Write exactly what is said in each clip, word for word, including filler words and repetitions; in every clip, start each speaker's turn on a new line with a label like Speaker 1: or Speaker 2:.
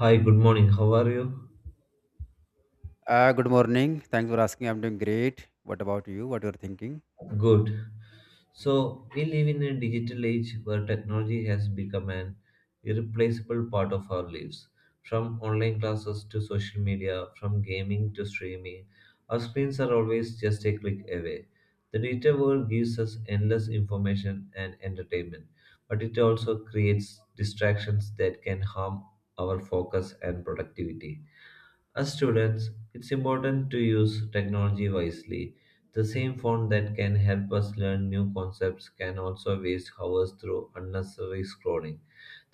Speaker 1: Hi, good morning. How are you?
Speaker 2: Uh, good morning. Thanks for asking. I'm doing great. What about you? What you're thinking?
Speaker 1: Good. So, we live in a digital age where technology has become an irreplaceable part of our lives. From online classes to social media, from gaming to streaming, our screens are always just a click away. The digital world gives us endless information and entertainment, but it also creates distractions that can harm our focus and productivity. As students, it's important to use technology wisely. The same phone that can help us learn new concepts can also waste hours through unnecessary scrolling.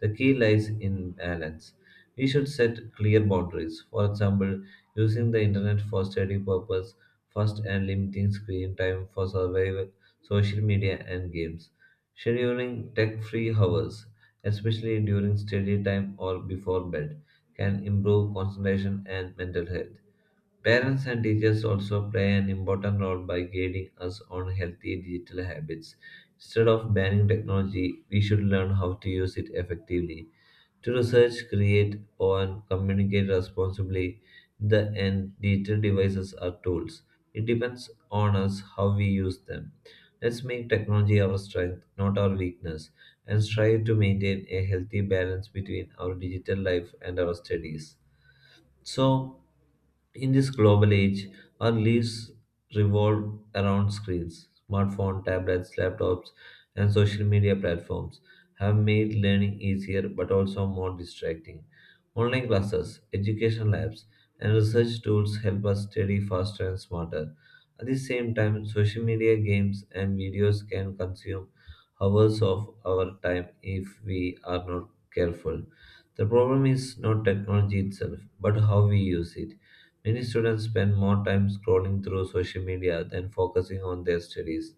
Speaker 1: The key lies in balance. We should set clear boundaries. For example, using the internet for study purpose first and limiting screen time for survival, social media and games. Scheduling tech-free hours, especially during study time or before bed can improve concentration and mental health. Parents and teachers also play an important role by guiding us on healthy digital habits. Instead of banning technology, we should learn how to use it effectively. To research, create, or communicate responsibly, in the end, digital devices are tools. It depends on us how we use them. Let's make technology our strength, not our weakness and strive to maintain a healthy balance between our digital life and our studies. So, in this global age, our lives revolve around screens. Smartphones, tablets, laptops, and social media platforms have made learning easier but also more distracting. Online classes, education labs, and research tools help us study faster and smarter. At the same time, social media games and videos can consume hours of our time if we are not careful. The problem is not technology itself, but how we use it. Many students spend more time scrolling through social media than focusing on their studies.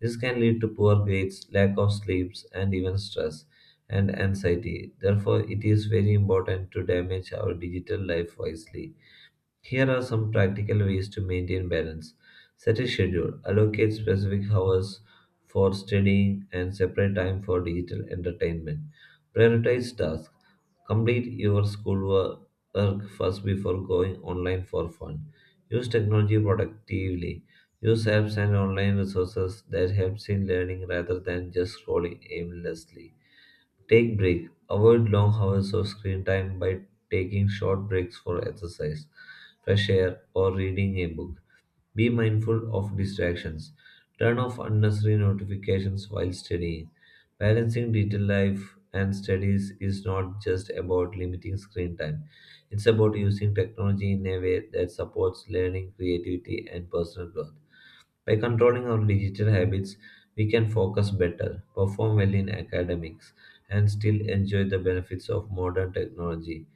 Speaker 1: This can lead to poor grades, lack of sleeps, and even stress and anxiety. Therefore, it is very important to damage our digital life wisely. Here are some practical ways to maintain balance. Set a schedule, allocate specific hours for studying, and separate time for digital entertainment. Prioritize tasks. Complete your schoolwork first before going online for fun. Use technology productively. Use apps and online resources that helps in learning rather than just scrolling aimlessly. Take break. Avoid long hours of screen time by taking short breaks for exercise, fresh air, or reading a book. Be mindful of distractions. Turn off unnecessary notifications while studying. Balancing digital life and studies is not just about limiting screen time. It's about using technology in a way that supports learning, creativity, and personal growth. By controlling our digital habits, we can focus better, perform well in academics, and still enjoy the benefits of modern technology.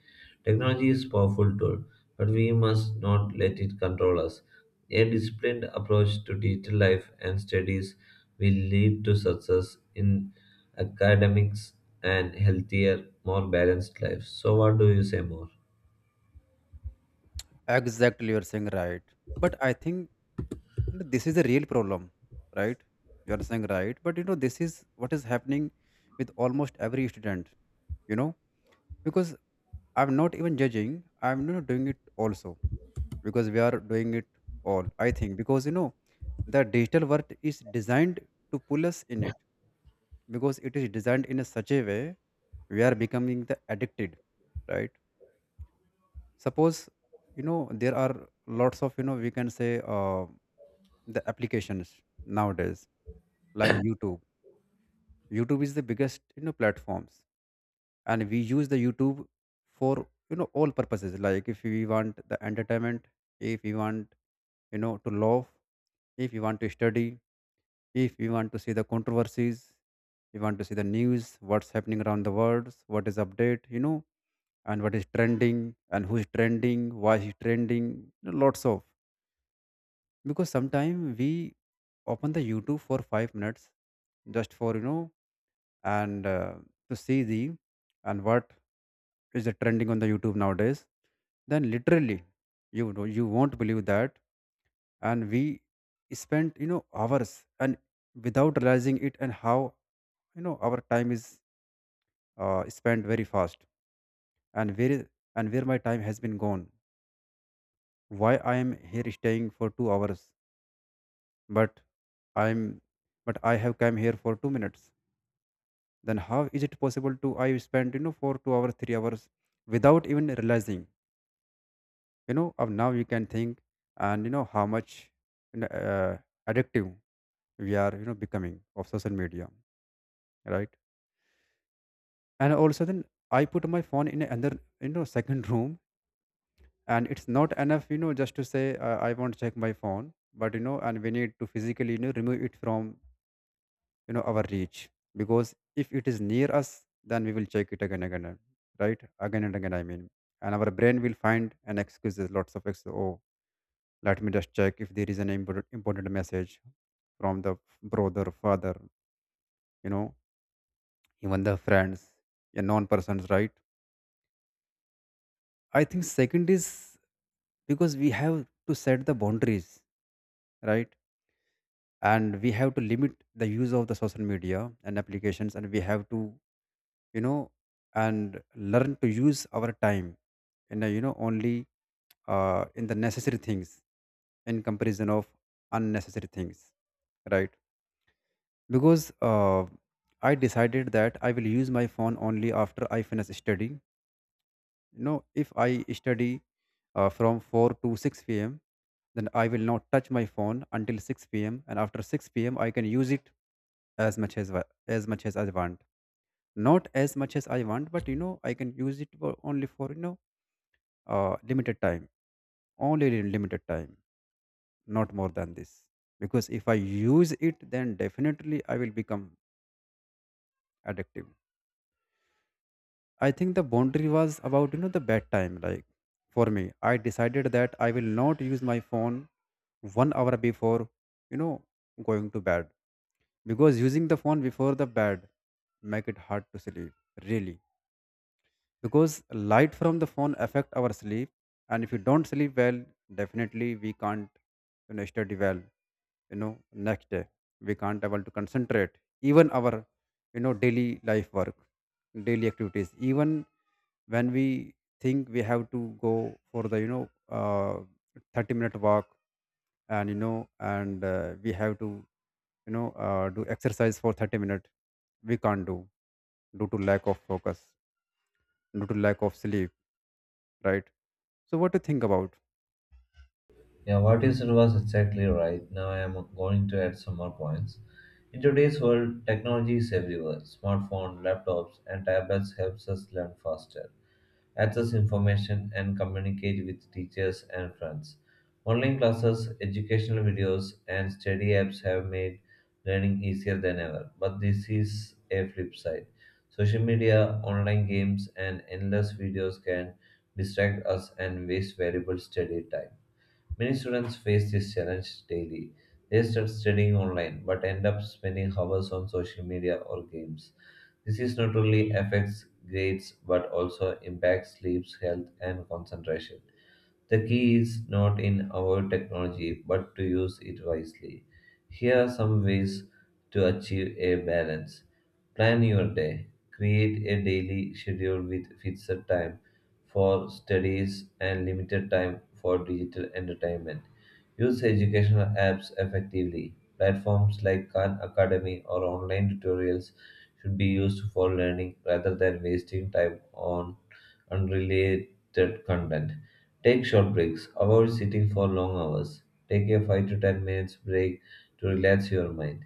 Speaker 1: Technology is a powerful tool, but we must not let it control us. A disciplined approach to digital life and studies will lead to success in academics and healthier, more balanced lives. So, what do you say more?
Speaker 2: Exactly, you're saying right. But I think you know, this is a real problem, right? You're saying right. But you know, this is what is happening with almost every student. You know, because I'm not even judging. I'm not doing it also because we are doing it all. I think because you know, the digital world is designed to pull us in it because it is designed in a such a way we are becoming the addicted, right? Suppose you know there are lots of you know we can say uh, the applications nowadays like youtube. Youtube is the biggest you know platforms, and we use the youtube for you know all purposes, like if we want the entertainment, if we want you know to love, if you want to study, if you want to see the controversies, you want to see the news, what's happening around the world, what is update, you know and what is trending and who's trending, why is trending, you know, lots of. Because sometimes we open the youtube for five minutes just for you know and uh, to see the and what is the trending on the youtube nowadays, then literally you know you won't believe that, and we spent you know hours and without realizing it, and how you know our time is uh, spent very fast. and where and where my time has been gone, why I am here staying for two hours, but i'm but I have come here for two minutes. Then how is it possible to I spend you know for two hours three hours without even realizing, you know, of now you can think and you know how much you know, uh, addictive we are you know becoming of social media, right? And also then I put my phone in another you know second room, and it's not enough you know just to say uh, I want to check my phone, but you know, and we need to physically you know remove it from you know our reach, because if it is near us, then we will check it again and again, right? Again and again, I mean. And our brain will find an excuses, lots of excuses. Oh, let me just check if there is an important, important message from the brother father, you know even the friends, a non persons, right? I think second is because we have to set the boundaries, right? And we have to limit the use of the social media and applications, and we have to you know and learn to use our time in a you know only uh, in the necessary things in comparison of unnecessary things, right? Because uh, I decided that I will use my phone only after I finish studying. You know if I study uh, from four to six p.m., then I will not touch my phone until six p.m., and after six p.m. I can use it as much as wa- as much as I want. Not as much as I want, but you know, I can use it for only for you know, uh, limited time, only in limited time, not more than this. Because if I use it, then definitely I will become addictive. I think the boundary was about you know the bed time. Like for me, I decided that I will not use my phone one hour before you know going to bed, because using the phone before the bed make it hard to sleep, really, because light from the phone affect our sleep. And if you don't sleep well, definitely we can't you know study well, you know, next day we can't able to concentrate, even our you know daily life work, daily activities, even when we think we have to go for the you know uh, thirty minute walk, and you know and uh, we have to you know uh, do exercise for thirty minutes, we can't do, due to lack of focus, due to lack of sleep, right? So what do you think about?
Speaker 1: Yeah, what you said was exactly right. Now I am going to add some more points. In today's world, technology is everywhere. Smartphones, laptops, and tablets helps us learn faster, access information, and communicate with teachers and friends. Online classes, educational videos, and study apps have made learning easier than ever. But this is a flip side. Social media, online games, and endless videos can distract us and waste valuable study time. Many students face this challenge daily. They start studying online but end up spending hours on social media or games. This is not only affects grades but also impacts sleep, health, and concentration. The key is not in our technology, but to use it wisely. Here are some ways to achieve a balance. Plan your day. Create a daily schedule with fixed time for studies and limited time for digital entertainment. Use educational apps effectively. Platforms like Khan Academy or online tutorials should be used for learning rather than wasting time on unrelated content. Take short breaks, avoid sitting for long hours. Take a five to ten minutes break to relax your mind.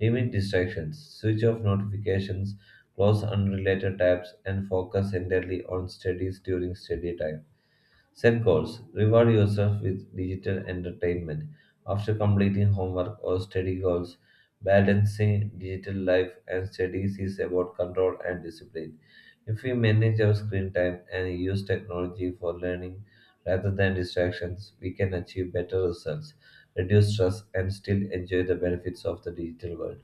Speaker 1: Limit distractions, switch off notifications, close unrelated tabs, and focus entirely on studies during study time. Set goals. Reward yourself with digital entertainment after completing homework or study goals. Balancing digital life and studies is about control and discipline. If we manage our screen time and use technology for learning rather than distractions, we can achieve better results, reduce stress, and still enjoy the benefits of the digital world.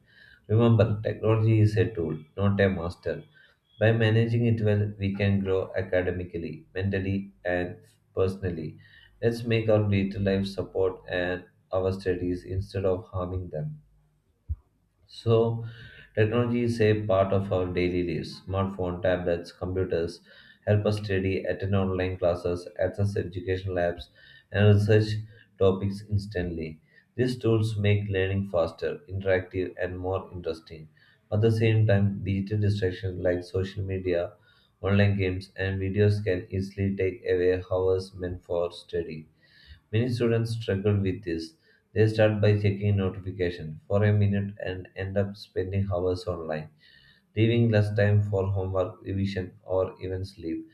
Speaker 1: Remember, technology is a tool, not a master. By managing it well, we can grow academically, mentally, and personally. Let's make our later life support and our studies instead of harming them. So, technology is a part of our daily lives. Smartphone, tablets, computers help us study, attend online classes, access educational apps, and research topics instantly. These tools make learning faster, interactive, and more interesting. At the same time, digital distractions like social media, online games, and videos can easily take away hours meant for study. Many students struggle with this. They start by checking notification for a minute and end up spending hours online, leaving less time for homework, revision, or even sleep.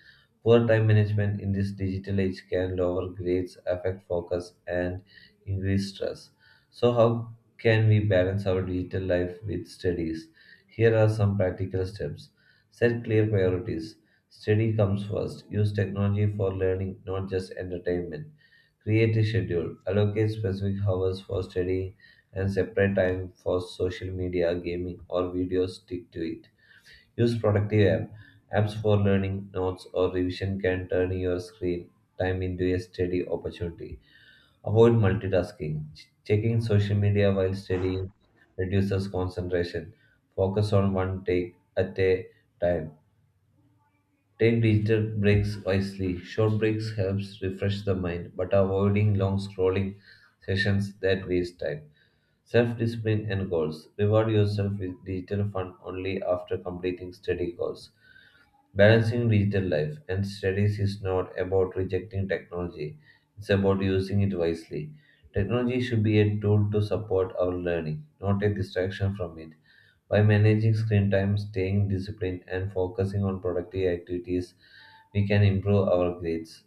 Speaker 1: Poor time management in this digital age can lower grades, affect focus, and increase stress. So, how can we balance our digital life with studies? Here are some practical steps. Set clear priorities. Study comes first. Use technology for learning, not just entertainment. Create a schedule. Allocate specific hours for studying and separate time for social media, gaming, or videos. Stick to it. Use productive app. Apps for learning, notes, or revision can turn your screen time into a study opportunity. Avoid multitasking. Ch- Checking social media while studying reduces concentration. Focus on one take at a time. Take digital breaks wisely. Short breaks helps refresh the mind, but avoiding long scrolling sessions that waste time. Self-discipline and goals. Reward yourself with digital fun only after completing study goals. Balancing digital life and studies is not about rejecting technology, it's about using it wisely. Technology should be a tool to support our learning, not a distraction from it. By managing screen time, staying disciplined, and focusing on productive activities, we can improve our grades,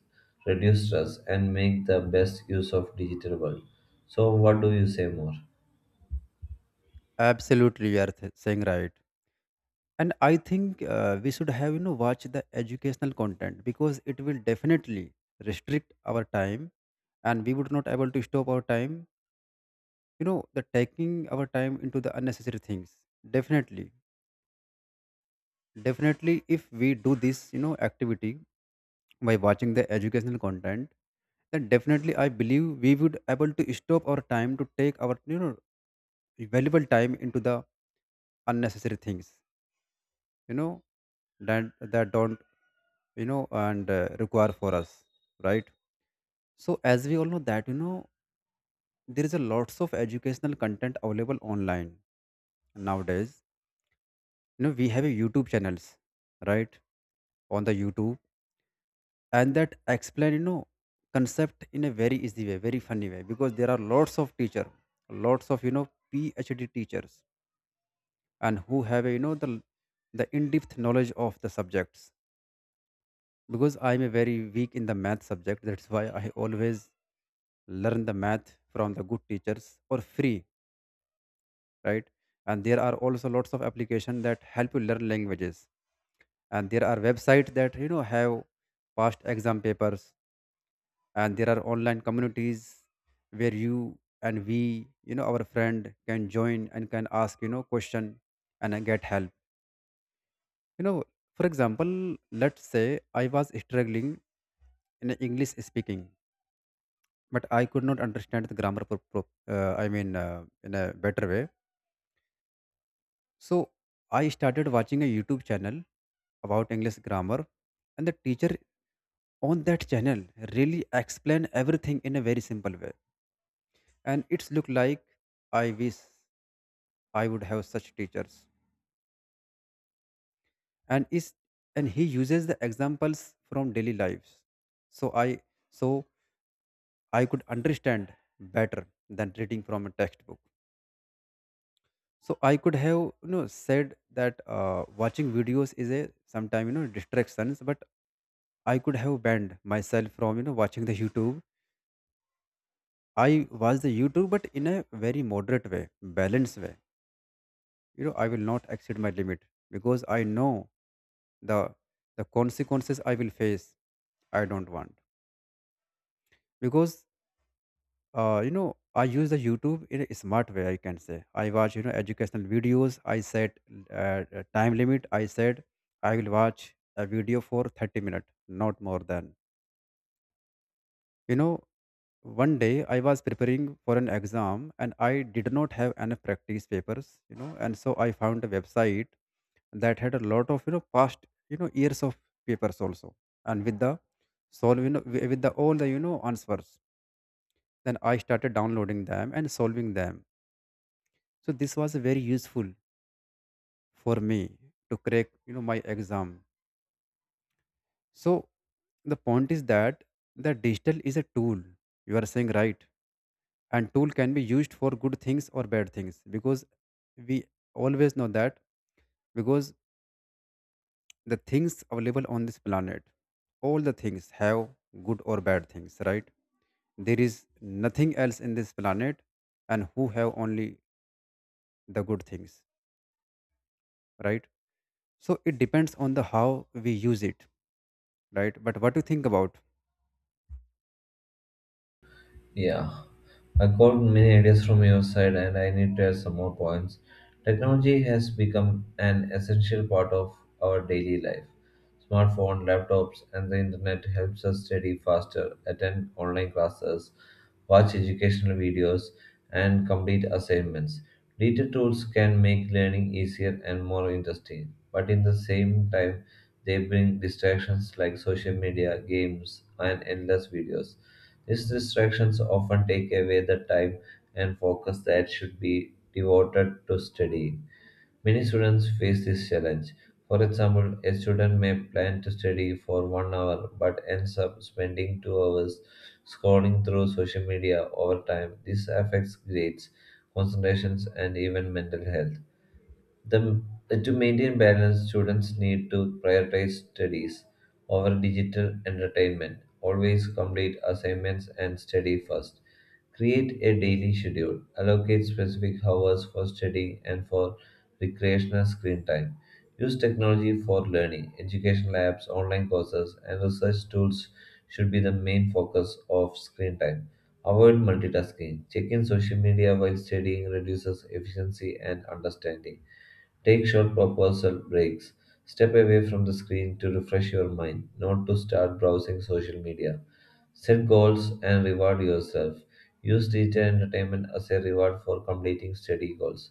Speaker 1: reduce stress, and make the best use of digital world. So, what do you say more?
Speaker 2: Absolutely, you are th- saying right. And I think uh, we should have you know watch the educational content, because it will definitely restrict our time, and we would not able to stop our time. You know, the taking our time into the unnecessary things. Definitely, definitely, if we do this, you know, activity by watching the educational content, then definitely I believe we would able to stop our time to take our you know valuable time into the unnecessary things, you know that that don't you know and uh, require for us, right? So as we all know that you know there is a lots of educational content available online nowadays. You know we have a youtube channels, right? On the youtube, and that explain you know concept in a very easy way, very funny way, because there are lots of teacher, lots of you know phd teachers, and who have a, you know the the in-depth knowledge of the subjects. Because I'm a very weak in the math subject, that's why I always learn the math from the good teachers for free, right? And there are also lots of applications that help you learn languages. And there are websites that you know have past exam papers, and there are online communities where you and we, you know, our friend can join and can ask, you know, question and uh, get help. You know, for example, let's say I was struggling in English speaking, but I could not understand the grammar. Pro- pro- uh, I mean, uh, in a better way. So I started watching a YouTube channel about English grammar, and the teacher on that channel really explained everything in a very simple way. And it's looked like I wish I would have such teachers. And is and he uses the examples from daily lives. So I so I could understand better than reading from a textbook. So I could have you know said that uh, watching videos is a sometime you know distractions, but I could have banned myself from you know watching the youtube. I watch the youtube but in a very moderate way, balanced way. You know I will not exceed my limit, because I know the the consequences I will face, I don't want. Because uh, you know I use the youtube in a smart way, I can say, I watch you know educational videos, I set uh, a time limit, I said I will watch a video for thirty minutes, not more than, you know one day I was preparing for an exam and I did not have enough practice papers, you know and so I found a website that had a lot of you know past you know years of papers also, and with the solve you know with with the all the you know answers. Then I started downloading them and solving them. So this was very useful for me to crack you know my exam. So the point is that the digital is a tool, you are saying right, and tool can be used for good things or bad things, because we always know that, because the things available on this planet, all the things have good or bad things, right? There is nothing else in this planet and who have only the good things, right? So it depends on the how we use it, right? But what do you think about?
Speaker 1: Yeah, I caught many ideas from your side, and I need to add some more points. Technology has become an essential part of our daily life. Smartphone, laptops, and the internet helps us study faster, attend online classes, watch educational videos, and complete assignments. Digital tools can make learning easier and more interesting, but in the same time, they bring distractions like social media, games, and endless videos. These distractions often take away the time and focus that should be devoted to studying. Many students face this challenge. For example, a student may plan to study for one hour but ends up spending two hours scrolling through social media over time. This affects grades, concentrations, and even mental health. The, to maintain balance, students need to prioritize studies over digital entertainment. Always complete assignments and study first. Create a daily schedule. Allocate specific hours for studying and for recreational screen time. Use technology for learning. Educational apps, online courses, and research tools should be the main focus of screen time. Avoid multitasking. Checking social media while studying reduces efficiency and understanding. Take short proposal breaks. Step away from the screen to refresh your mind, not to start browsing social media. Set goals and reward yourself. Use digital entertainment as a reward for completing study goals.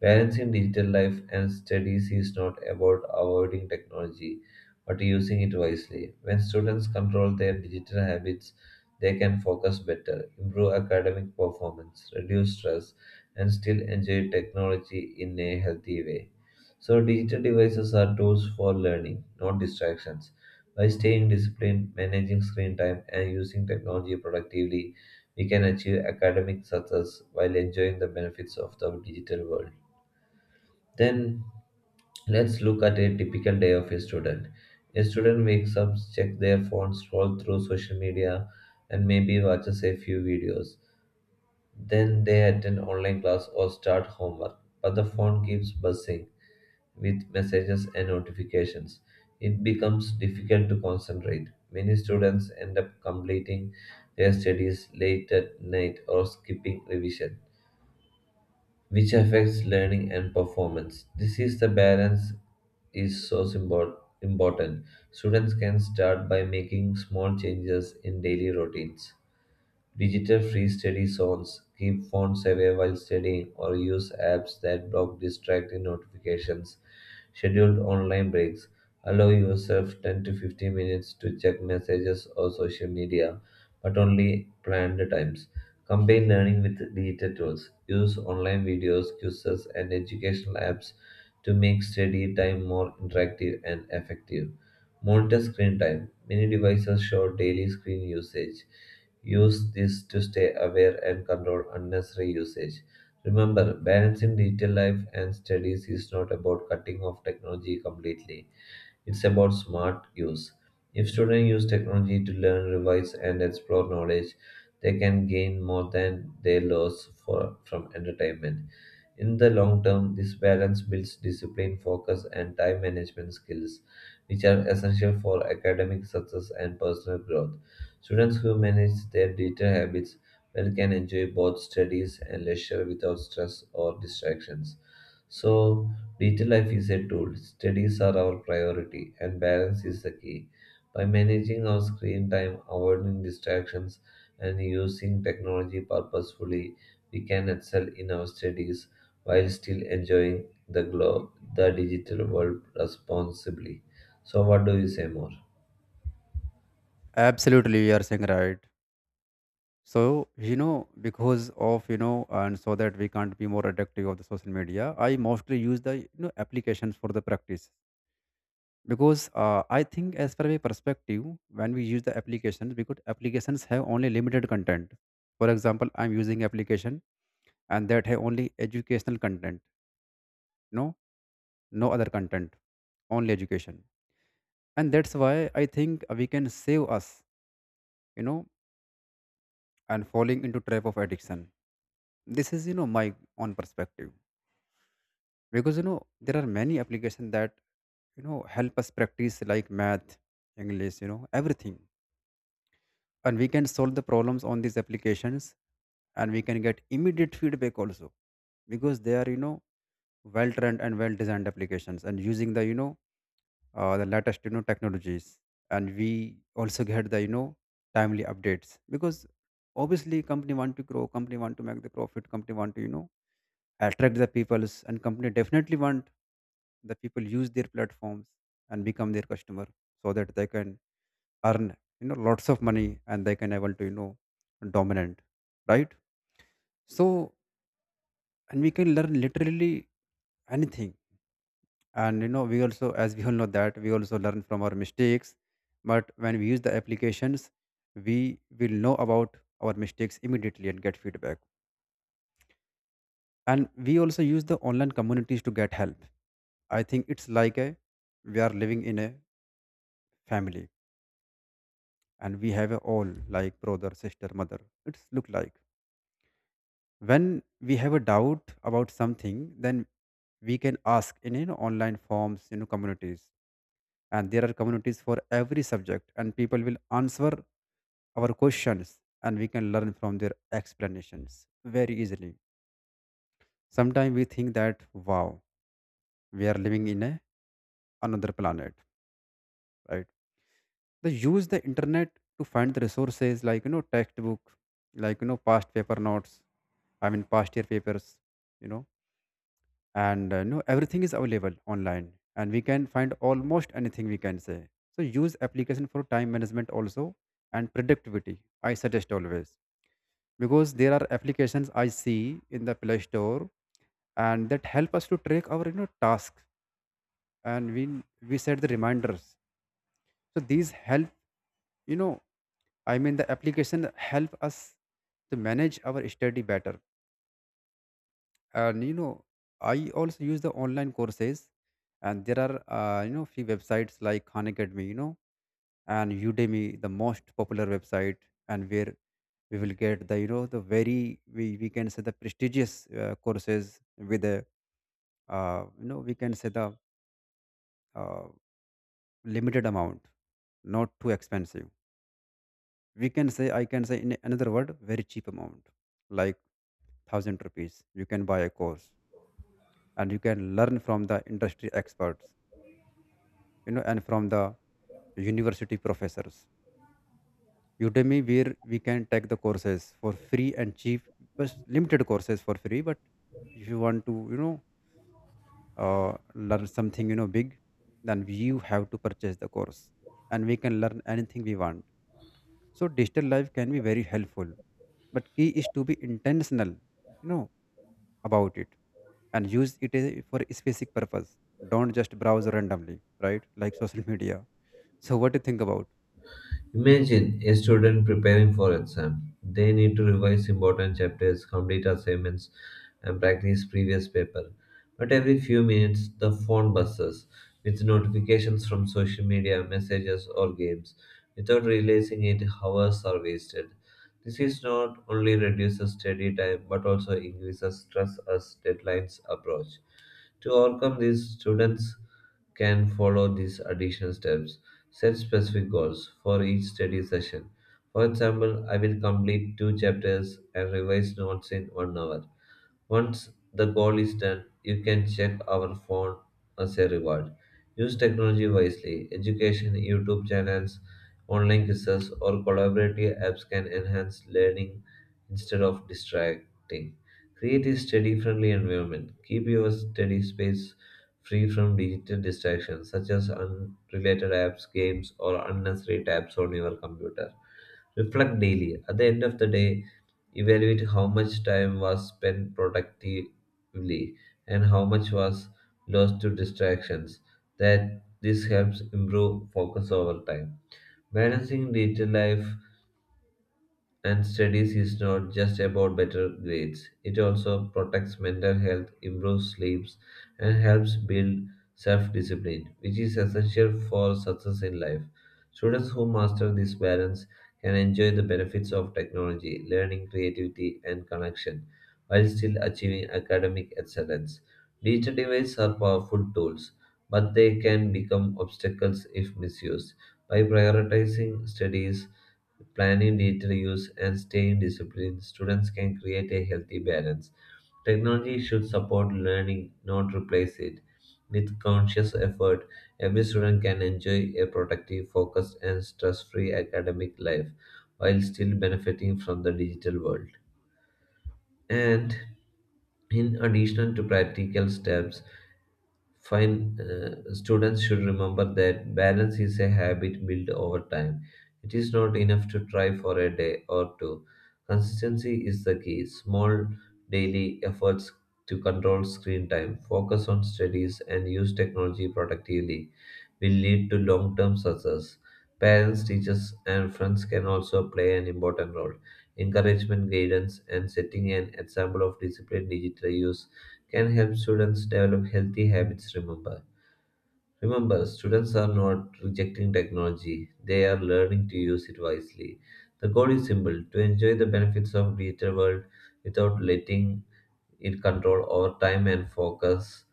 Speaker 1: Balancing digital life and studies is not about avoiding technology, but using it wisely. When students control their digital habits, they can focus better, improve academic performance, reduce stress, and still enjoy technology in a healthy way. So, digital devices are tools for learning, not distractions. By staying disciplined, managing screen time, and using technology productively, we can achieve academic success while enjoying the benefits of the digital world. Then let's look at a typical day of a student. A student wakes up, checks their phone, scrolls through social media, and maybe watches a few videos. Then they attend online class or start homework, but the phone keeps buzzing with messages and notifications, it becomes difficult to concentrate. Many students end up completing their studies late at night or skipping revision, which affects learning and performance. This is the balance is so symbol- important. Students can start by making small changes in daily routines. Digital free study zones keep phones away while studying or use apps that block distracting notifications. Scheduled online breaks allow yourself ten to fifteen minutes to check messages or social media, but only planned times. Combine learning with digital tools. Use online videos, quizzes, and educational apps to make study time more interactive and effective. Monitor screen time. Many devices show daily screen usage. Use this to stay aware and control unnecessary usage. Remember, balancing digital life and studies is not about cutting off technology completely. It's about smart use. If students use technology to learn, revise, and explore knowledge, they can gain more than they lose for, from entertainment. In the long term, this balance builds discipline, focus, and time management skills which are essential for academic success and personal growth. Students who manage their digital habits well can enjoy both studies and leisure without stress or distractions. So, digital life is a tool, studies are our priority, and balance is the key. By managing our screen time, avoiding distractions, and using technology purposefully, we can excel in our studies while still enjoying the glow, the digital world responsibly. So what do you say more?
Speaker 2: Absolutely, you are saying right. So you know, because of you know, and so that we can't be more addictive of the social media, I mostly use the you know applications for the practice. Because uh, I think, as per my perspective, when we use the applications, because applications have only limited content. For example, I'm using application and that have only educational content. No, no other content, only education, and that's why I think we can save us. You know, and falling into trap of addiction. This is you know my own perspective. Because you know there are many applications that you know help us practice like math, english, you know everything, and we can solve the problems on these applications, and we can get immediate feedback also, because they are you know well trained and well designed applications and using the you know uh, the latest you know technologies, and we also get the you know timely updates, because obviously company want to grow, company want to make the profit, company want to you know attract the peoples, and company definitely want the people use their platforms and become their customer, so that they can earn you know lots of money, and they can able to you know dominant, right? So and we can learn literally anything. And you know we also, as we all know that, we also learn from our mistakes, but when we use the applications, we will know about our mistakes immediately and get feedback. And we also use the online communities to get help. I think it's like a we are living in a family, and we have a all like brother sister mother. It's look like when we have a doubt about something, then we can ask in, you know, online forms, you know communities. And there are communities for every subject, and people will answer our questions, and we can learn from their explanations very easily. Sometimes we think that, wow, we are living in a another planet, right? They use the internet to find the resources like, you know textbook, like, you know past paper notes, I mean past year papers, you know and uh, you know everything is available online, and we can find almost anything, we can say. So use application for time management also, and productivity, I suggest always, because there are applications I see in the play store, and that help us to track our you know tasks, and we we set the reminders. So these help, you know I mean, the application help us to manage our study better. And you know, I also use the online courses, and there are uh, you know few websites like Khan Academy, you know, and Udemy, the most popular website, and where we will get the you know the very, we, we can say, the prestigious uh, courses with the uh, you know we can say the uh, limited amount, not too expensive. We can say, I can say in another word, very cheap amount, like thousand rupees you can buy a course, and you can learn from the industry experts, you know and from the university professors. Udemy, where we can take the courses for free and cheap, but limited courses for free. But if you want to you know uh, learn something you know big, then you have to purchase the course, and we can learn anything we want. So digital life can be very helpful, but key is to be intentional, you know about it, and use it uh, for a specific purpose. Don't just browse randomly, right? Like social media. So, what do you think about?
Speaker 1: Imagine a student preparing for exam. They need to revise important chapters, complete assignments, and practice previous paper. But every few minutes, the phone buzzes with notifications from social media, messages, or games. Without realizing it, hours are wasted. This is not only reduces study time but also increases stress as deadlines approach. To overcome this, students can follow these additional steps. Set specific goals for each study session. For example, I will complete two chapters and revise notes in one hour. Once the goal is done, you can check our phone as a reward. Use technology wisely. Education, YouTube channels, online quizzes, or collaborative apps can enhance learning instead of distracting. Create a study friendly environment. Keep your study space free from digital distractions such as unrelated apps, games, or unnecessary tabs on your computer. Reflect daily. At the end of the day, evaluate how much time was spent productively and how much was lost to distractions. That this helps improve focus over time. Balancing digital life and studies is not just about better grades. It also protects mental health, improves sleeps, and helps build self-discipline, which is essential for success in life. Students who master this balance can enjoy the benefits of technology, learning, creativity, and connection, while still achieving academic excellence. Digital devices are powerful tools, but they can become obstacles if misused. By prioritizing studies, planning, detail use, and staying disciplined, students can create a healthy balance. Technology should support learning, not replace it. With conscious effort, every student can enjoy a productive, focused, and stress free academic life while still benefiting from the digital world. And in addition to practical steps, Fine, uh, students should remember that balance is a habit built over time. It is not enough to try for a day or two. Consistency is the key. Small daily efforts to control screen time, focus on studies, and use technology productively will lead to long term success. Parents, teachers, and friends can also play an important role. Encouragement, guidance, and setting an example of disciplined digital use can help students develop healthy habits. Remember remember students are not rejecting technology, they are learning to use it wisely. The goal is simple, to enjoy the benefits of digital world without letting it control our time and focus.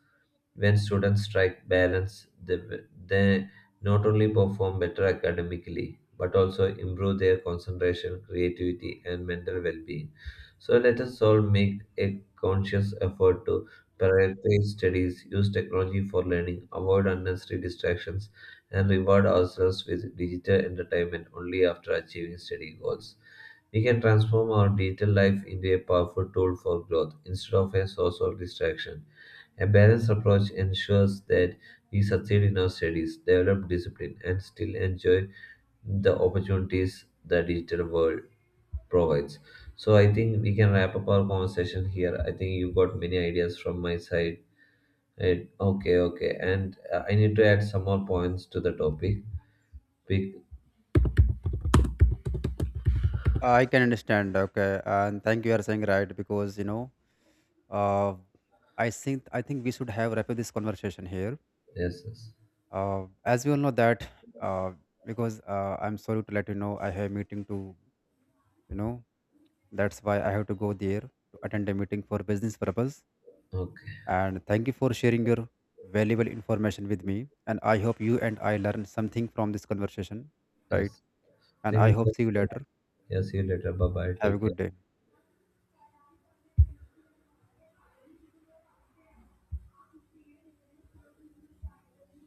Speaker 1: When students strike balance, they, they not only perform better academically, but also improve their concentration, creativity, and mental well being. So, let us all make a conscious effort to prioritize studies, use technology for learning, avoid unnecessary distractions, and reward ourselves with digital entertainment only after achieving study goals. We can transform our digital life into a powerful tool for growth instead of a source of distraction. A balanced approach ensures that we succeed in our studies, develop discipline, and still enjoy the opportunities the digital world provides. So I think we can wrap up our conversation here. I think you got many ideas from my side. And okay, okay, and uh, I need to add some more points to the topic. Pick
Speaker 2: I can understand. Okay, and thank you are saying right. Because you know, uh, I think I think we should have wrap up this conversation here.
Speaker 1: yes, yes.
Speaker 2: Uh, as we all know that, uh, because uh, I'm sorry to let you know, I have a meeting to, you know that's why I have to go there to attend a meeting for business purpose.
Speaker 1: Okay,
Speaker 2: And thank you for sharing your valuable information with me, and I hope you and I learned something from this conversation,
Speaker 1: yes.
Speaker 2: right? And
Speaker 1: Thank
Speaker 2: I
Speaker 1: you. So
Speaker 2: hope see you later.
Speaker 1: yeah, see you later. Bye bye.
Speaker 2: Have a
Speaker 1: Take
Speaker 2: good
Speaker 1: care.
Speaker 2: day.